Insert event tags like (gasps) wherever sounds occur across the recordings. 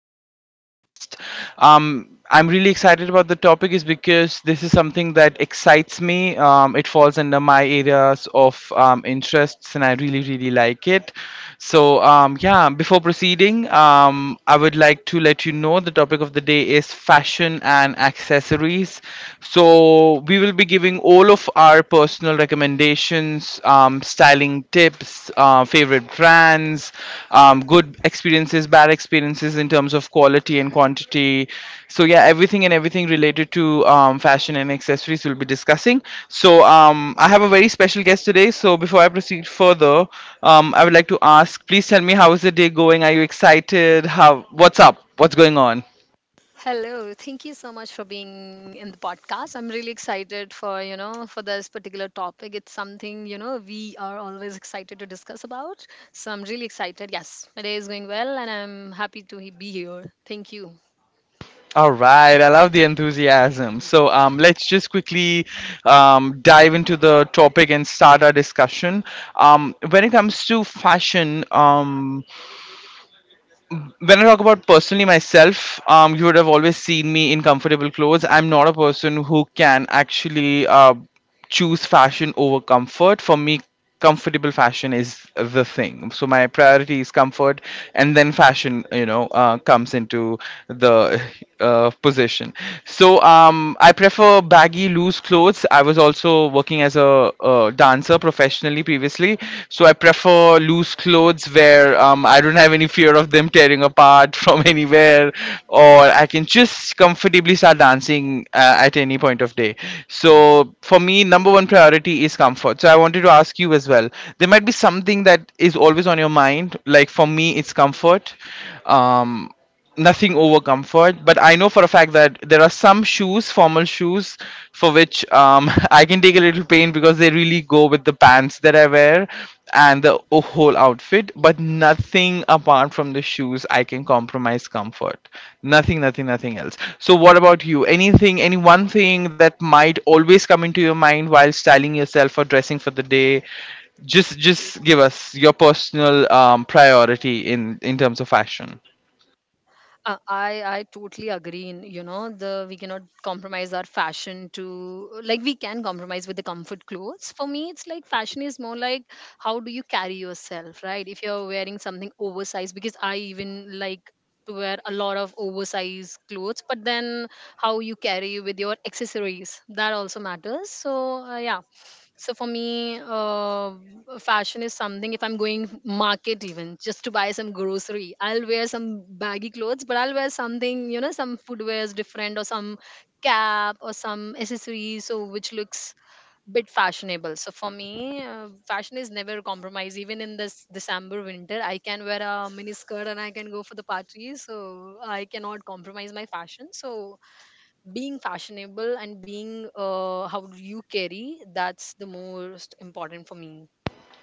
informative podcast. I'm really excited about the topic is because this is something that excites me. It falls under my areas of interests, and I really, really like it. So, yeah, before proceeding, I would like to let you know the topic of the day is fashion and accessories. So, we will be giving all of our personal recommendations, styling tips, favorite brands, good experiences, bad experiences in terms of quality and quantity. So yeah, everything and everything related to fashion and accessories we'll be discussing. So I have a very special guest today. So before I proceed further, I would like to ask, please tell me how is the day going? Are you excited? How? What's up? What's going on? Hello, thank you so much for being in the podcast. I'm really excited for, you know, for this particular topic. It's something, you know, we are always excited to discuss about. So I'm really excited. Yes, my day is going well and I'm happy to be here. Thank you. All right, I love the enthusiasm. So let's just quickly dive into the topic and start our discussion. When it comes to fashion, when I talk about personally myself, you would have always seen me in comfortable clothes. I'm not a person who can actually choose fashion over comfort. For me, comfortable fashion is the thing. So my priority is comfort, and then fashion, comes into the position. So I prefer baggy, loose clothes. I was also working as a dancer professionally previously, so I prefer loose clothes where I don't have any fear of them tearing apart (laughs) from anywhere, or I can just comfortably start dancing at any point of day. So for me, number one priority is comfort. So I wanted to ask you as well. There might be something that is always on your mind. Like for me, it's comfort. Um, nothing over comfort, but I know for a fact that there are some shoes, formal shoes, for which (laughs) I can take a little pain because they really go with the pants that I wear and the whole outfit. But nothing apart from the shoes I can compromise comfort, nothing, nothing, nothing else. So what about you? Anything? Any one thing that might always come into your mind while styling yourself or dressing for the day? Just give us your personal priority in terms of fashion. I totally agree. In, you know, the we cannot compromise our fashion to, like, we can compromise with the comfort clothes. For me, it's like fashion is more like how do you carry yourself, right? If you're wearing something oversized, because I even like to wear a lot of oversized clothes, but then how you carry with your accessories, that also matters. So yeah, so for me, fashion is something. If I'm going market even just to buy some grocery, I'll wear some baggy clothes, but I'll wear something, you know, some footwear is different, or some cap or some accessories, so which looks bit fashionable. So for me, fashion is never a compromise. Even in this December winter, I can wear a mini skirt and I can go for the party. So I cannot compromise my fashion. So being fashionable and being, how do you carry, that's the most important for me.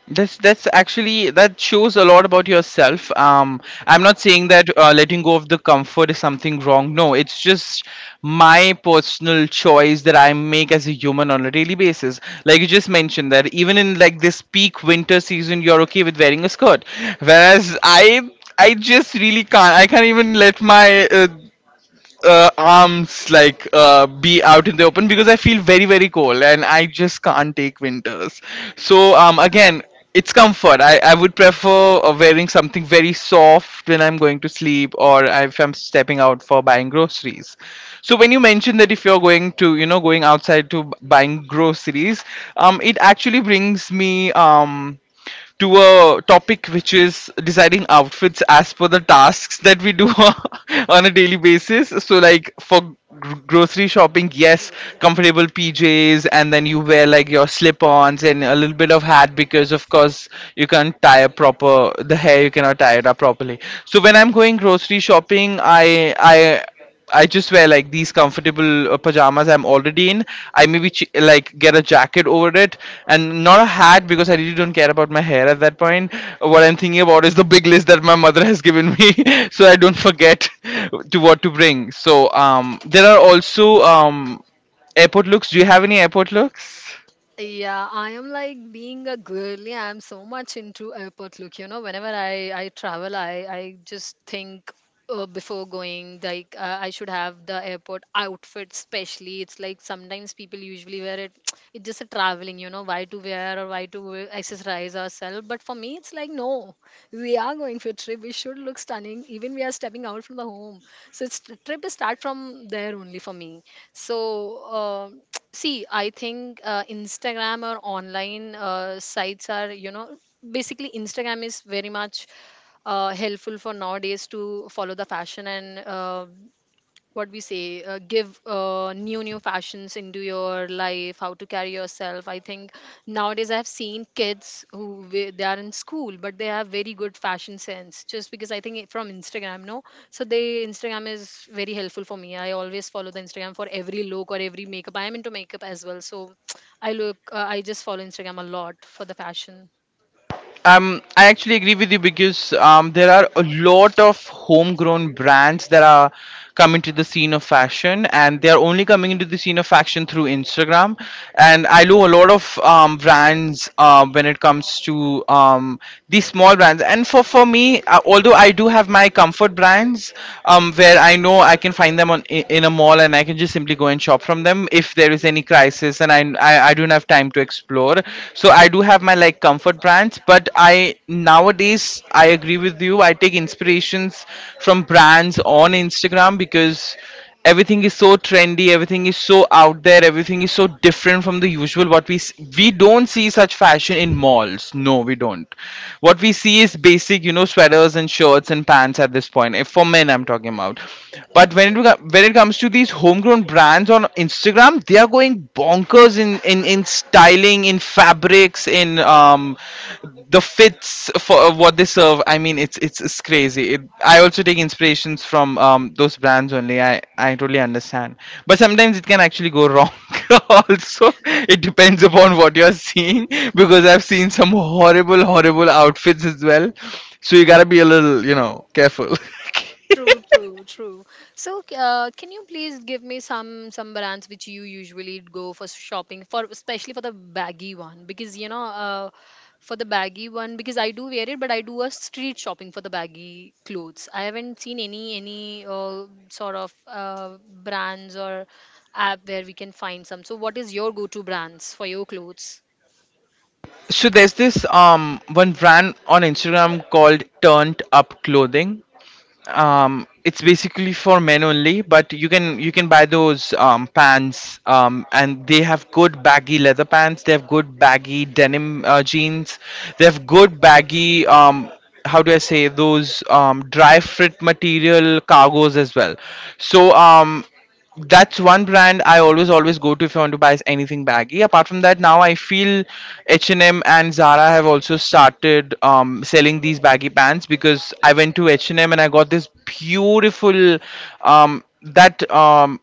That's actually, that shows a lot about yourself. I'm not saying that letting go of the comfort is something wrong. No, it's just my personal choice that I make as a human on a daily basis. Like you just mentioned that even in like this peak winter season, you're okay with wearing a skirt, whereas I just really can't. I can't even let my arms like be out in the open because I feel very, very cold and I just can't take winters. So again, it's comfort. I would prefer wearing something very soft when I'm going to sleep or if I'm stepping out for buying groceries. So when you mentioned that if you're going outside to buying groceries, it actually brings me to a topic which is designing outfits as per the tasks that we do (laughs) on a daily basis. So, like for grocery shopping, yes, comfortable PJs, and then you wear like your slip ons and a little bit of hat because, of course, you can't tie a proper the hair, you cannot tie it up properly. So, when I'm going grocery shopping, I just wear like these comfortable pajamas I'm already in. I maybe like get a jacket over it and not a hat because I really don't care about my hair at that point. What I'm thinking about is the big list that my mother (laughs) has given me (laughs) so I don't forget (laughs) to what to bring. So there are also airport looks. Do you have any airport looks? Yeah, I am like being a girly. I'm so much into airport look. You know, whenever I travel, I just think, before going, like, I should have the airport outfit. Especially, it's like sometimes people usually wear it. (tsk) It's just a traveling. You know, why to wear or why to accessorize ourselves. But for me, it's like no, we are going for a trip. We should look stunning. Even we are stepping out from the home. So it's trip is start from there only for me. So, (tsk) see, I think, Instagram or online, sites are, you know, basically Instagram is very much helpful for nowadays to follow the fashion, and, what we say, give, new fashions into your life, how to carry yourself. I think nowadays I've seen kids who they are in school, but they have very good fashion sense, just because I think from Instagram, no. So they, Instagram is very helpful for me. I always follow the Instagram for every look or every makeup. I am into makeup as well. So (tsk) I look, I just follow Instagram a lot for the fashion. I actually agree with you because there are a lot of homegrown brands that are coming to the scene of fashion, and they are only coming into the scene of fashion through Instagram. And I know a lot of brands when it comes to these small brands. And for me, although I do have my comfort brands, where I know I can find them in a mall, and I can just simply go and shop from them if there is any crisis, and I do not enough time to explore. So I do have my like comfort brands, but I nowadays I agree with you. I take inspirations from brands on Instagram because everything is so trendy, everything is so out there, everything is so different from the usual. What we don't see such fashion in malls, no we don't. What we see is basic, sweaters and shirts and pants at this point, if for men I'm talking about. But when it comes to these homegrown brands on Instagram, they are going bonkers in styling, in fabrics, in the fits for what they serve. I mean, it's crazy. I also take inspirations from those brands only. I totally understand, but sometimes it can actually go wrong. (laughs) Also, it depends upon what you're seeing because I've seen some horrible, horrible outfits as well. So you gotta be a little, careful. (laughs) True, true, true. So, can you please give me some brands which you usually go for shopping for, especially for the baggy one? Because, you know, for the baggy one, because I do wear it, but I do a street shopping for the baggy clothes. I haven't seen any sort of brands or app where we can find some. So, what is your go-to brands for your clothes? So there's this one brand on Instagram called Turned Up Clothing. It's basically for men only, but you can buy those pants, and they have good baggy leather pants. They have good baggy denim jeans. They have good baggy how do I say those dry fit material cargos as well. So that's one brand I always always go to if I want to buy anything baggy. Apart from that, now I feel H and M and Zara have also started selling these baggy pants because I went to H and M and I got this beautiful, that,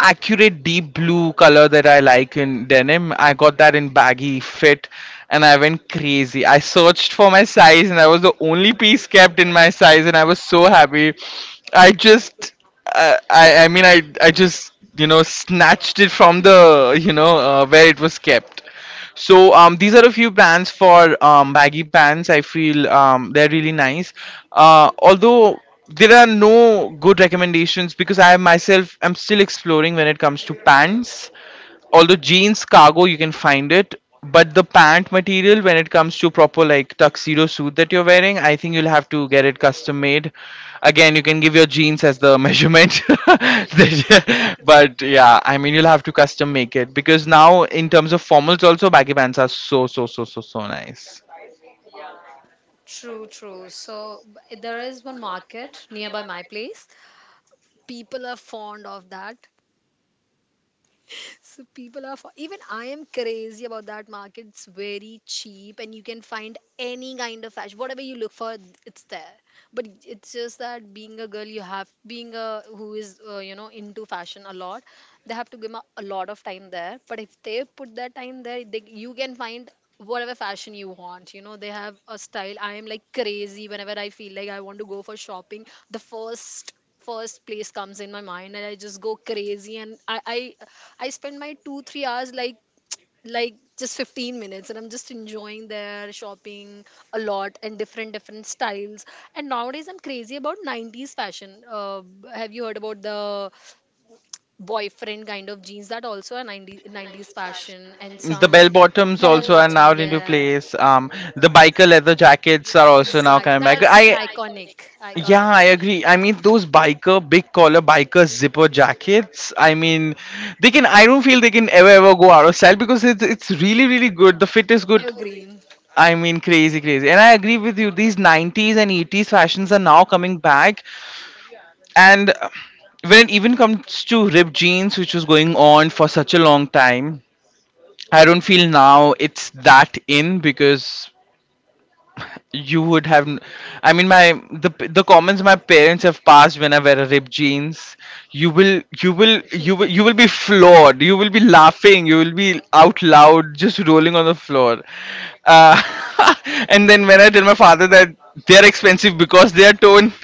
accurate deep blue color that I like in denim. I got that in baggy fit and I went crazy. I searched for my size and I was the only piece kept in my size and I was so happy. I just, I mean, I just snatched it from the you know where it was kept. So these are a few brands for baggy pants. I feel they're really nice. Although there are no good recommendations because I myself am still exploring when it comes to pants. Although jeans, cargo, you can find it, but the pant material, when it comes to proper like tuxedo suit that you're wearing, I think you'll have to get it custom made. Again, you can give your jeans as the (laughs) measurement, (laughs) but yeah, I mean, you'll have to custom make it because now in terms of formals also baggy pants are so so so so so nice. True, true. So there is one market nearby my place. People are fond of that. So people are even I am crazy about that market. It's very cheap and you can find any kind of fashion. Whatever you look for, it's there. But it's just that being a girl, you have being a who is, you know, into fashion a lot. They have to give a lot of time there. But if they put that time there, they, you can find whatever fashion you want. You know, they have a style. I am like crazy. Whenever I feel like I want to go for shopping, the first place comes in my mind and I just go crazy, and I spend my 2-3 hours like just 15 minutes, and I'm just enjoying their shopping a lot, and different different styles. And nowadays I'm crazy about 90s fashion. Have you heard about the boyfriend kind of jeans? That also a 90s fashion and The bell some. bottoms Bell also are bottom, now into, yeah, yeah. place. The biker leather jackets are also now Exact, coming back. that's I iconic. Iconic. Yeah, I agree. I mean those biker big collar biker zipper jackets. I mean, they can. I don't feel they can ever ever go out of style because it's really, really good. The fit is good. Evergreen. I mean, crazy, crazy. And I agree with you. These '90s and '80s fashions are now coming back. And when it even comes to ripped jeans, which was going on for such a long time, I don't feel now it's that in because you would have. N- I mean, my the comments my parents have passed when I wear a ripped jeans. You will you will you will you will be floored. You will be laughing. You will be out loud, just rolling on the floor. Uh, (laughs) and then when I tell my father that they're expensive because they are torn,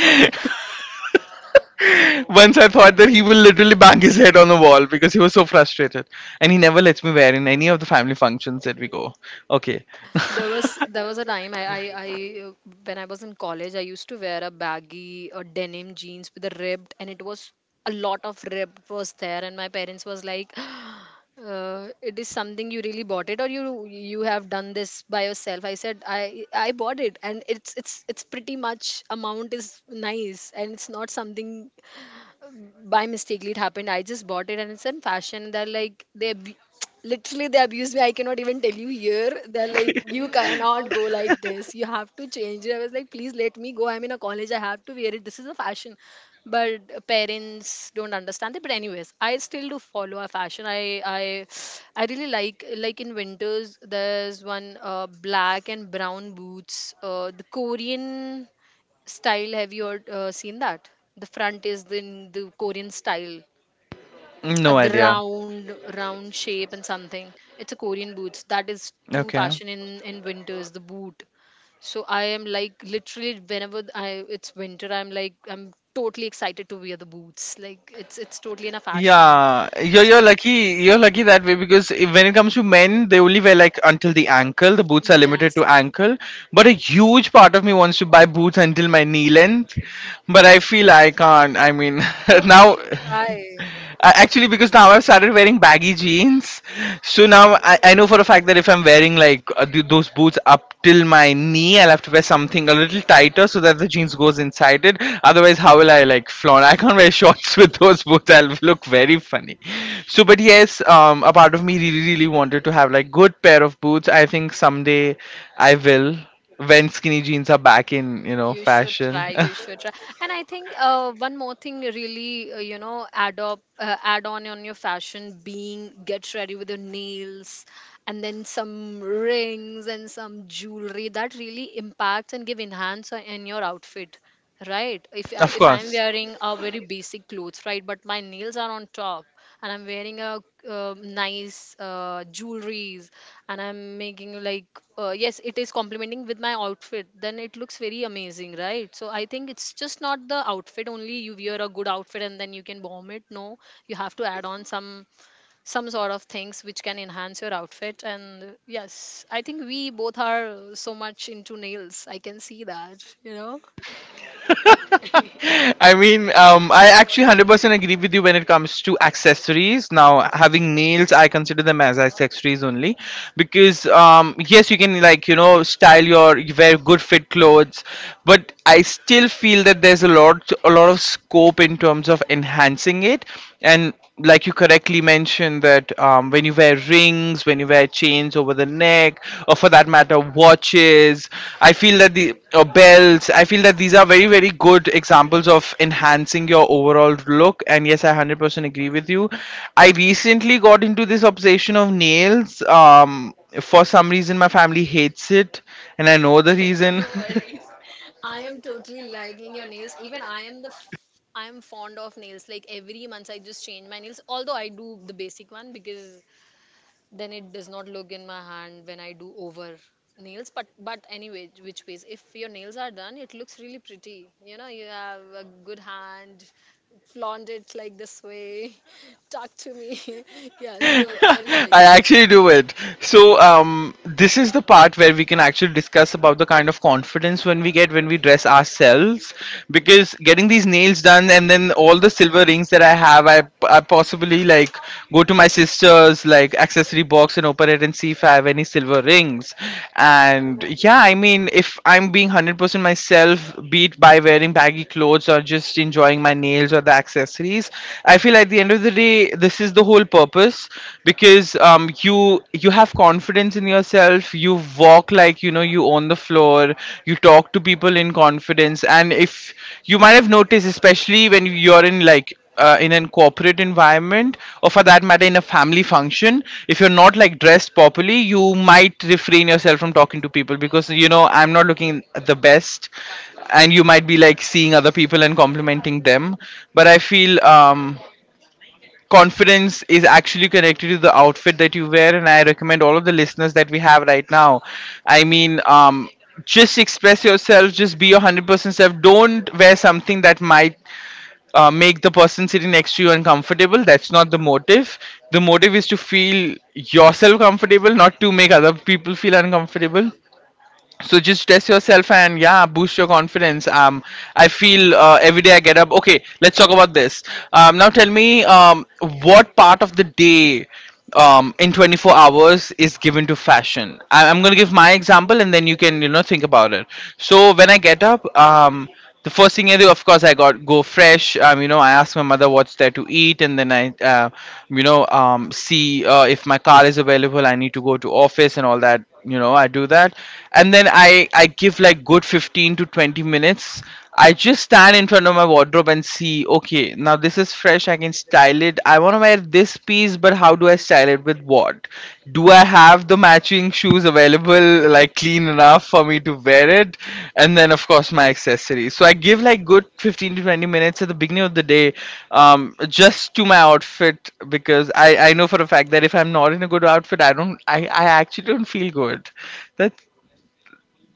(laughs) once I thought that he will literally bang his head on the wall because he was so frustrated. And he never lets me wear in any of the family functions that we go. Okay. There was a time I when I was in college I used to wear a baggy or denim jeans with a ribbed, and it was a lot of ribbed was there, and my parents was like (gasps) it is something you really bought it, or you have done this by yourself? I said I bought it, and it's pretty much amount is nice, and it's not something by mistakenly it happened. I just bought it and it's in fashion. They're like, they (tsk) literally they abuse me. I cannot even tell you here. They're like, you cannot go like this. You have to change it. I was like, please let me go. I'm in a college. I have to wear it. This is a fashion. But parents don't understand it. But anyways, I still do follow a fashion. I really like in winters there's one, black and brown boots. The Korean style, have you heard, seen that? The front is in the Korean style, (laughs) No the idea. round round shape and something. It's a Korean boots that is too Okay. fashion in winters, the boot. So I am like literally whenever I, it's winter, I'm like I'm totally excited to wear the boots. Like, it's totally in a fashion. Yeah, you're So lucky. You're lucky that way because if, when it comes to men, they only wear like until the ankle. The boots are limited yes, to ankle. But a huge part of me wants to buy boots until my knee length. But I feel I can't. I mean, (laughs) now, try. Actually, because now I've started wearing baggy jeans. So now I know for a fact that if I'm wearing like those boots up till my knee, I'll have to wear something a little tighter so that the jeans goes inside it. Otherwise, how will I like flaunt? I can't wear shorts (laughs) with those boots. I'll look very funny. So, but yes, a part of me really, really wanted to have like good pair of boots. I think someday I will when skinny jeans are back in You should fashion. try. You should try. And I think, one more thing really, you know, add up, add on your fashion, being get ready with your nails, and then some rings and some jewelry that really impacts and give enhance in your outfit. Right. If (laughs) I, Of if I'm course. wearing a very basic clothes, right, but my nails are on top, and I'm wearing a, nice jewelries, and I'm making like, yes, it is complementing with my outfit, then it looks very amazing, right? So I think it's just not the outfit only. You wear a good outfit and then you can bomb it. No, you have to add on some sort of things which can enhance your outfit. And yes, I think we both are so much into nails. I can see that. You know. (laughs) I actually 100% agree with you when it comes to accessories. Now, having nails, I consider them as accessories only because, yes, you can, style you wear good fit clothes, but I still feel that there's a lot of scope in terms of enhancing it. And like you correctly mentioned that when you wear rings, when you wear chains over the neck, or for that matter watches, I feel that the or belts, I feel that these are very, very good examples of enhancing your overall look. And yes, I 100% agree with you. I recently got into this obsession of nails. For some reason my family hates it, and I know the reason. (laughs) I am totally liking your nails. Even I am the I am fond of nails. Like every month I just change my nails. Although I do the basic one, because then it does not look in my hand when I do over nails. But anyway, which ways? If your nails are done, it looks really pretty. You know, you have a good hand, flaunt it like this way, (laughs) talk to me. (laughs) (laughs) Yeah, so I really like I that. actually do it. So, this is the part where we can actually discuss about the kind of confidence when we dress ourselves. Because getting these nails done and then all the silver rings that I have, I possibly like go to my sister's like accessory box and open it and see if I have any silver rings. And yeah, I mean, if I'm being 100% myself, be it by wearing baggy clothes or just enjoying my nails or the accessories, I feel at the end of the day, the this is the whole purpose. Because you, you have confidence in yourself, you walk like, you know, you own the floor, you talk to people in confidence. And if you might have noticed, especially when you're in like in an corporate environment or for that matter in a family function, if you're not like dressed properly, you might refrain yourself from talking to people because, you know, I'm not looking the best, and you might be like seeing other people and complimenting them. But I feel confidence is actually connected to the outfit that you wear. And I recommend all of the listeners that we have right now, i mean um just express yourself, just be your 100% self. Don't wear something that might make the person sitting next to you uncomfortable. That's not the motive. The motive is to feel yourself comfortable, not to make other people feel uncomfortable. So just test yourself and yeah, boost your confidence. I feel every day I get up, okay, let's talk about this. Now tell me, what part of the day, in 24 hours is given to fashion? I'm gonna give my example and then you can, you know, think about it. So when I get up, the first thing I do, of course, I got go fresh. You know, I ask my mother what's there to eat, and then see if my car is available. I need to go to office and all that. You know, I do that, and then I give like good 15 to 20 minutes. I just stand in front of my wardrobe and see. Okay, now this is fresh. I can style it. I want to wear this piece, but how do I style it with what? Do I have the matching shoes available, like clean enough for me to wear it? And then, of course, my accessories. So I give like good 15 to 20 minutes at the beginning of the day, just to my outfit because I know for a fact that if I'm not in a good outfit, I actually don't feel good. That's,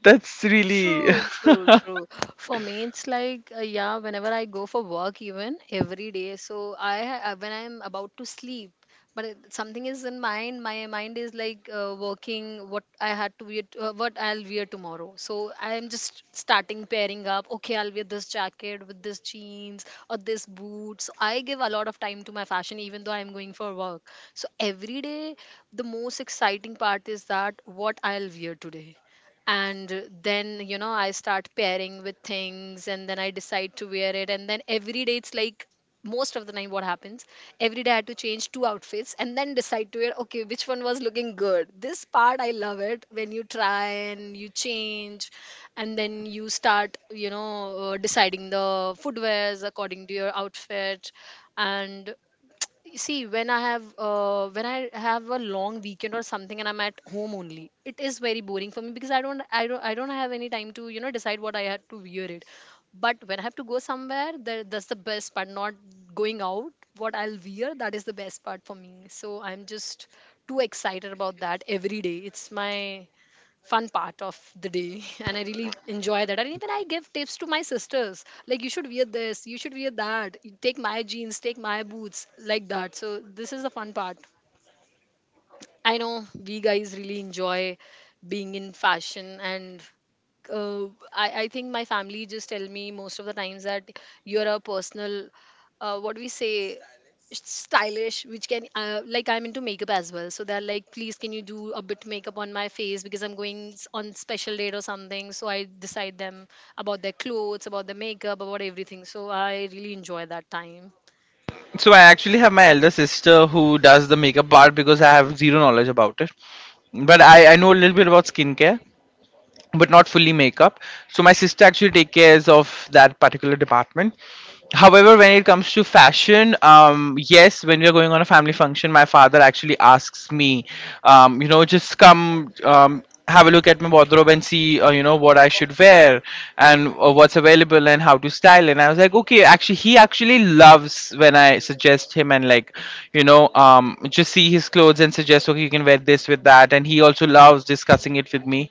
that's really. True, true, (laughs) true. For me, it's like, yeah, whenever I go for work, even every day. So when I'm about to sleep, but it, something is in mind. My mind is like, working. What I had to wear, what I'll wear tomorrow. So I'm just starting pairing up. Okay, I'll wear this jacket with this jeans or this boots. I give a lot of time to my fashion, even though I'm going for work. So every day, the most exciting part is that what I'll wear today. And then, you know, I start pairing with things, and then I decide to wear it. And then every day it's like, most of the time what happens, every day I had to change two outfits and then decide to wear, okay, which one was looking good. This part I love it, when you try and you change, and then you start, you know, deciding the footwears according to your outfit. And see, when I have, when I have a long weekend or something and I'm at home only, it is very boring for me, because I don't have any time to, you know, decide what I had to wear it. But when I have to go somewhere, that's the best part. Not going out, what I'll wear, that is the best part for me. So I'm just too excited about that. Every day it's my fun part of the day (laughs) and I really enjoy that. And even I give tips to my sisters, like you should wear this, you should wear that, take my jeans, take my boots, like that. So this is the fun part. I know we guys really enjoy being in fashion. And uh, I think my family just tell me most of the times that you're a personal, what do we say, stylish, which can, like I'm into makeup as well, so they're like, please can you do a bit makeup on my face, because I'm going on special date or something. So I decide them about their clothes, about their makeup, about everything. So I really enjoy that time. So I actually have my elder sister who does the makeup part because I have zero knowledge about it. But I know a little bit about skincare, but not fully makeup. So my sister actually take cares of that particular department. However, when it comes to fashion, yes, when we are going on a family function, my father actually asks me, just come, have a look at my wardrobe and see, what I should wear and what's available and how to style. And I was like, okay, actually, he actually loves when I suggest him and like, just see his clothes and suggest, okay, you can wear this with that. And he also loves discussing it with me,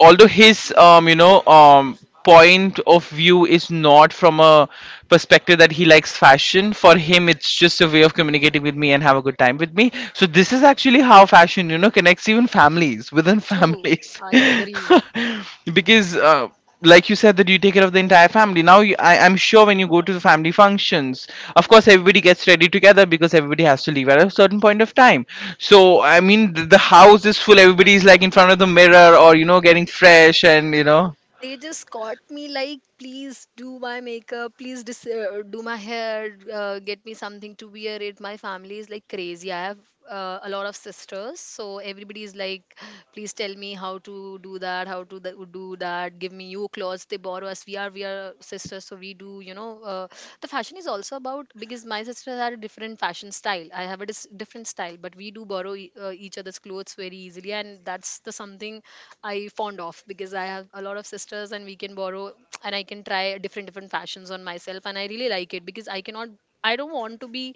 although his point of view is not from a perspective that he likes fashion. For him it's just a way of communicating with me and have a good time with me. So this is actually how fashion, you know, connects even families within True, families. I agree. (laughs) Because like you said that you take care of the entire family. Now I'm sure when you go to the family functions, of course everybody gets ready together because everybody has to leave at a certain point of time. So I mean, the house is full, everybody is like in front of the mirror or, you know, getting fresh and you know. They Just caught me like, "Please do my makeup, please do my hair, get me something to wear it." My family is like crazy. I have a lot of sisters, so everybody is like, "Please tell me how to do that, how to do that, give me new clothes." They borrow us. We are sisters, so we do, you know. The fashion is also about, because my sisters had a different fashion style, I have a different style, but we do borrow each other's clothes very easily, and that's the something I fond of, because I have a lot of sisters and we can borrow, and I can try different different fashions on myself, and I really like it. Because I cannot, I don't want to be,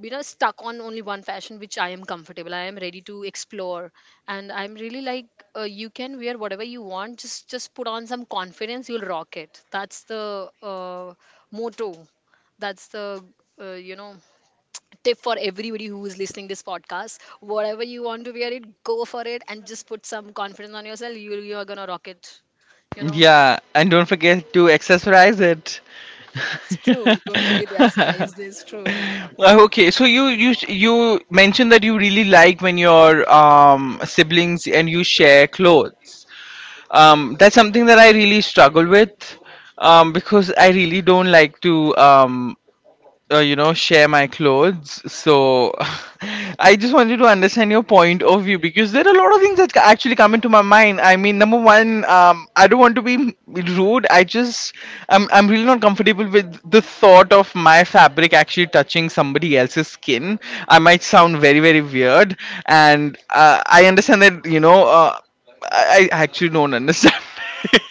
you know, stuck on only one fashion which I am comfortable. I am ready to explore, and I'm really like, you can wear whatever you want, just put on some confidence, you'll rock it. That's the uh, motto. That's the uh, you know tip for everybody who is listening this podcast. Whatever you want to wear it, go for it, and just put some confidence on yourself. You are gonna rock it, you know. Yeah, and don't forget to accessorize it. It's true. Don't forget to exercise. This (laughs) true. Okay, so you mentioned that you really like when your siblings and you share clothes. That's something that I really struggle with, because I really don't like to share my clothes. So (laughs) I just wanted to understand your point of view because there are a lot of things that actually come into my mind. I mean, number one, I don't want to be rude, I just, I'm really not comfortable with the thought of my fabric actually touching somebody else's skin. I might sound very, very weird. And I understand that, you know, I actually don't understand.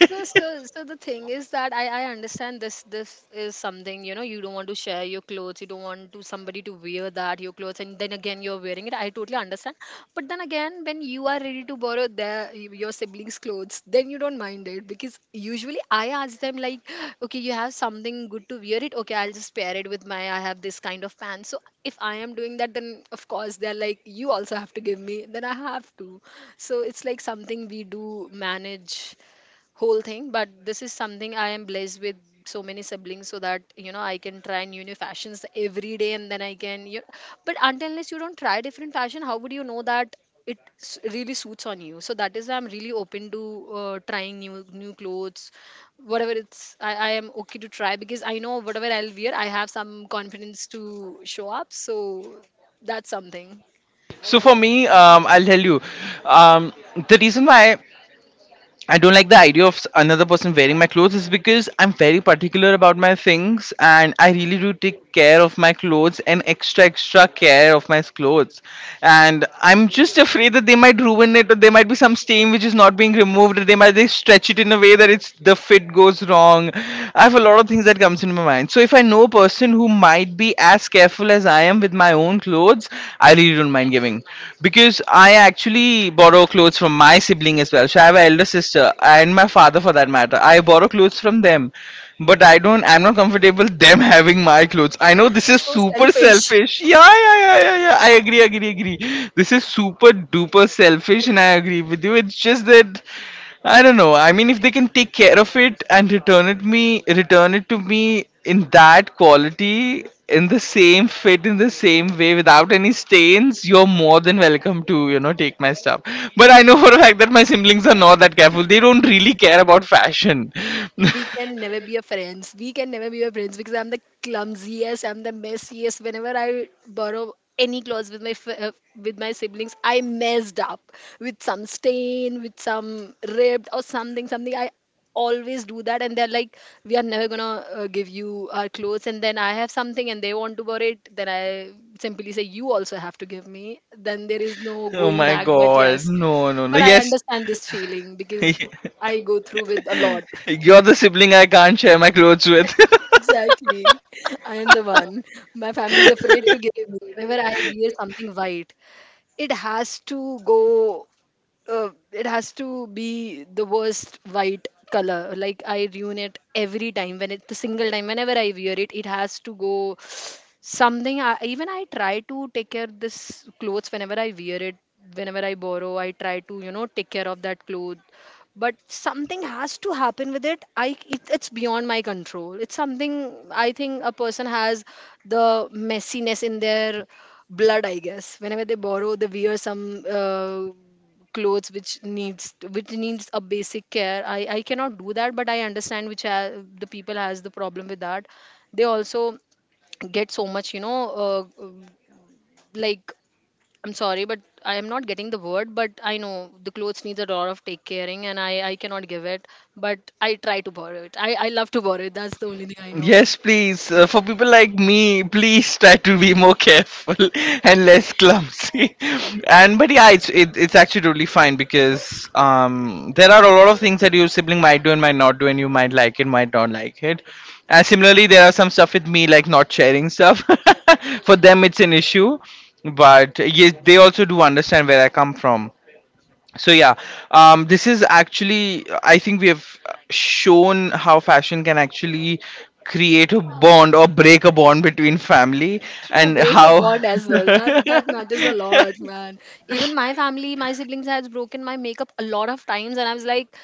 So the thing is that I understand, this is something, you know, you don't want to share your clothes, you don't want to somebody to wear that your clothes and then again you're wearing it. I totally understand. But then again, when you are ready to borrow their, your siblings clothes, then you don't mind it. Because usually I ask them like, "Okay, you have something good to wear it, okay, I'll just pair it with my, I have this kind of pants." So if I am doing that, then of course they're like, "You also have to give me." Then I have to, so it's like something we do manage whole thing. But this is something I am blessed with so many siblings, so that, you know, I can try new new fashions every day, and then I can you. But until unless you don't try different fashion, how would you know that it really suits on you? So that is why I'm really open to trying new new clothes, whatever it's. I am okay to try, because I know whatever I'll wear, I have some confidence to show up. So that's something. (laughs) So for Yes, me, I'll tell you, um, the reason why I don't like the idea of another person wearing my clothes is because I'm very particular about my things and I really do take care of my clothes and extra, extra care of my clothes. And I'm just afraid that they might ruin it, or there might be some stain which is not being removed, or they stretch it in a way that it's the fit goes wrong. I have a lot of things that comes into my mind. So if I know a person person who might be as careful as I am with my own clothes, I really don't mind giving. Because I actually borrow clothes from my sibling as well. So I have an elder sister and my father for that matter. I borrow clothes from them. But I'm not comfortable (laughs) them having my clothes. I know this is so super selfish. selfish. Yeah, yeah, I agree, agree. This is super duper selfish and I agree with you. It's just that I don't know. I mean, if they can take care of it and return it to me in that quality, in the same fit, in the same way, without any stains, you're more than welcome to, you know, take my stuff. But I know for a fact that my siblings are not that careful. They don't really care about fashion. We can never be a friends. We can never be a friends, because I'm the clumsiest, I'm the messiest. Whenever I borrow any clothes with with my siblings, I messed up with some stain, with some ripped or something, something. I always do that, and they're like, "We are never gonna give you our clothes." And then I have something, and they want to borrow it. Then I simply say, "You also have to give me." Then there is no (laughs) Oh going my back. But god, yes, no, no, no. but I Yes, understand this feeling, because (laughs) I go through with a lot. you're the sibling I can't share my clothes with. Exactly. I am the one. My family is afraid to give me. Whenever I wear something white, it has to go, it has to be the worst white color. Like, I ruin it every time when it's the single time. Whenever I wear it, it has to go something. Even I try to take care of this clothes whenever I wear it, whenever I borrow, I try to, you know, take care of that cloth. But something has to happen with it. I It's beyond my control. It's something, I think a person has the messiness in their blood, I guess. Whenever they borrow, they wear some clothes which needs a basic care, I cannot do that. But I understand which the people has the problem with that. They also get so much, you know, uh, um, like, I'm sorry, but I am not getting the word, but I know the clothes needs a lot of take caring, and I cannot give it. But I try to borrow it, I love to borrow it. That's the only thing I know. Yes, please. For people like me, please try to be more careful (laughs) and less clumsy. (laughs) And but yeah, it's actually totally fine because there are a lot of things that your sibling might do and might not do, and you might like it, might not like it. And similarly, there are some stuff with me like not sharing stuff. (laughs) For them, it's an issue, but yes, they also do understand where I come from. So yeah, this is actually, I think, we have shown how fashion can actually create a bond or break a bond between family To and break a how. bond as well, that matters a lot, (laughs) man. Even my family, my siblings has broken my makeup a lot of times, and I was like,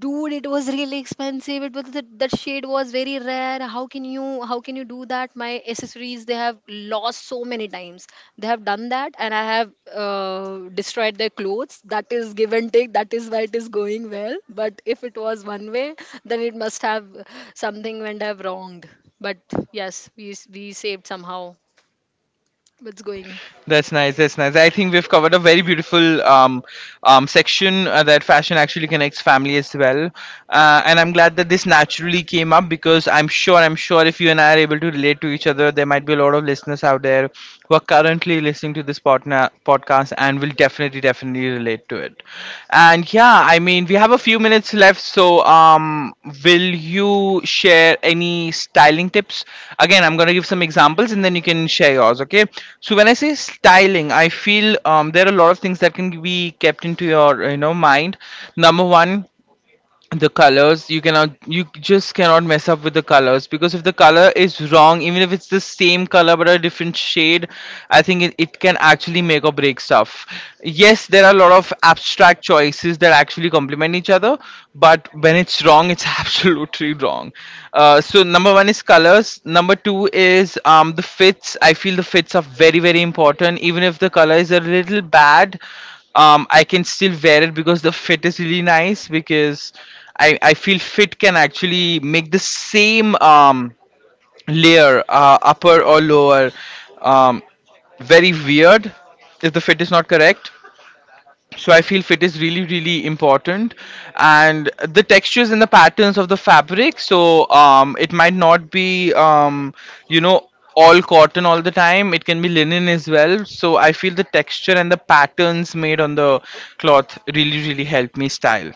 "Dude, it was really expensive. It was that, that shade was very rare. How can you do that?" My accessories, they have lost so many times. They have done that, and I have destroyed their clothes. That is give and take. That is why it is going well. But if it was one way, then it must have something, went have wronged. But yes, we saved somehow. It's going. That's nice. That's nice. I think we've covered a very beautiful section that fashion actually connects family as well. And I'm glad that this naturally came up because I'm sure if you and I are able to relate to each other, there might be a lot of listeners out there who are currently listening to this podcast and will definitely relate to it. And yeah, I mean, we have a few minutes left, so will you share any styling tips? Again, I'm gonna give some examples, and then you can share yours. Okay. So when I say styling, I feel there are a lot of things that can be kept into your mind. Number one, the colors, you just cannot mess up with the colors, because if the color is wrong, even if it's the same color but a different shade, I think it can actually make or break stuff. Yes, there are a lot of abstract choices that actually complement each other, but when it's wrong, it's (laughs) absolutely wrong. So number one is colors. Number two is, the fits. I feel the fits are very very important. Even if the color is a little bad, I can still wear it because the fit is really nice. Because I feel fit can actually make the same layer, upper or lower, um very weird if the fit is not correct. So I feel fit is really really important. And the textures and the patterns of the fabric. So it might not be you know all cotton all the time. It can be linen as well. So I feel the texture and the patterns made on the cloth really really help me style.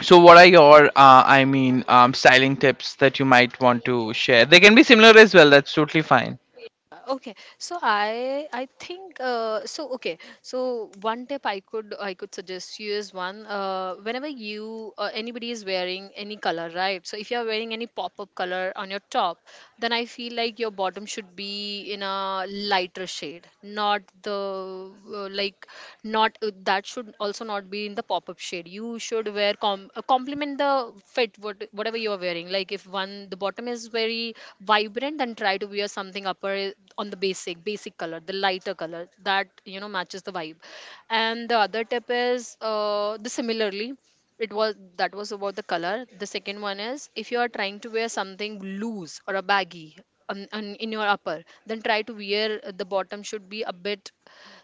So what are your styling tips that you might want to share? They can be similar as well, that's totally fine. Okay, so I think, so okay, so one tip I could suggest you is one, whenever you, anybody is wearing any color, right, so if you're wearing any pop-up color on your top, then I feel like your bottom should be in a lighter shade, not the like, not that should also not be in the pop-up shade. You should wear complement the fit whatever you are wearing. Like, if one the bottom is very vibrant, then try to wear something upper on the basic basic color, the lighter color that, you know, matches the vibe. And the other tip is, the similarly, it was, that was about the color. The second one is, if you are trying to wear something loose or a baggy in your upper, then try to wear, the bottom should be a bit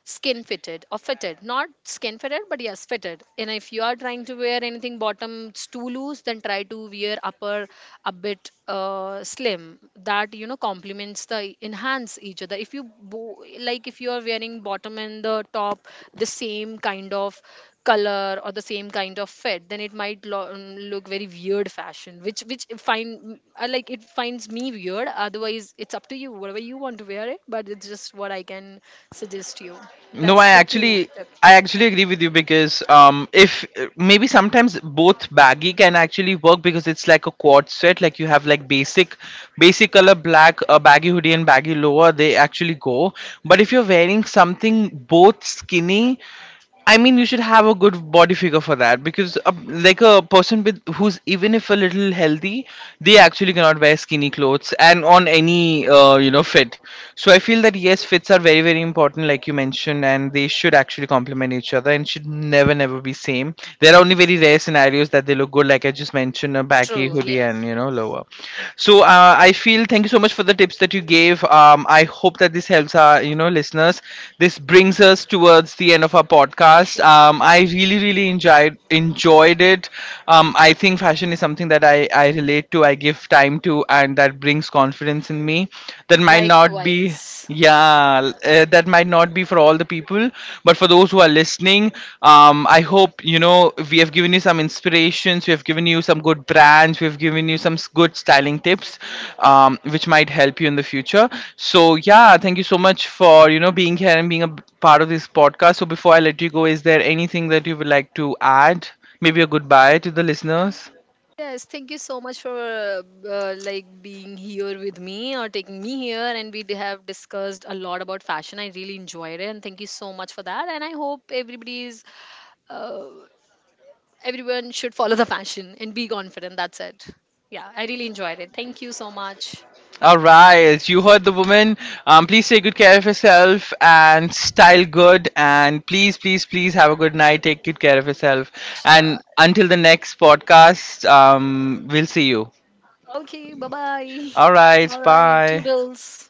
skin fitted, or fitted, not skin fitted, but yes, fitted. And if you are trying to wear anything bottoms too loose, then try to wear upper a bit slim, that you know complements, the enhance each other. If you like, if you are wearing bottom and the top the same kind of color or the same kind of fit, then it might look very weird fashion, which I find, I like it, finds me weird. Otherwise, it's up to you whatever you want to wear it. But it's just what I can suggest you. No, That's I the two actually, tip. I actually agree with you, because um, if maybe sometimes both baggy can actually work, because it's like a quad set. Like you have like basic color black, a baggy hoodie and baggy lower, they actually go. But if you're wearing something both skinny, I mean, you should have a good body figure for that. Because, like a person with who's even if a little healthy, they actually cannot wear skinny clothes and on any fit. So I feel that yes, fits are very very important, like you mentioned, and they should actually complement each other and should never be same. There are only very rare scenarios that they look good, like I just mentioned, a baggy True, yeah. hoodie and low lower. So I feel, thank you so much for the tips that you gave. I hope that this helps our listeners. This brings us towards the end of our podcast. I really really enjoyed it. I think fashion is something that I relate to. I give time to, and that brings confidence in me. That might not be. Likewise. Yeah, that might not be for all the people, but for those who are listening, I hope we have given you some inspirations, we have given you some good brands, we have given you some good styling tips, which might help you in the future. So yeah, thank you so much for being here and being a part of this podcast. So before I let you go, is there anything that you would like to add? Maybe a goodbye to the listeners. Yes, thank you so much for like, being here with me, or taking me here, and have discussed a lot about fashion. I really enjoyed it, and thank you so much for that. And I hope everybody's uh, everyone should follow the passion and be confident. That's it. Yeah, I really enjoyed it. Thank you so much. All right, you heard the woman. Please take good care of yourself and style good. And please, please, please have a good night. Take good care of yourself. Sure. And until the next podcast, we'll see you. Okay, bye bye. All right, All right, bye. toodles.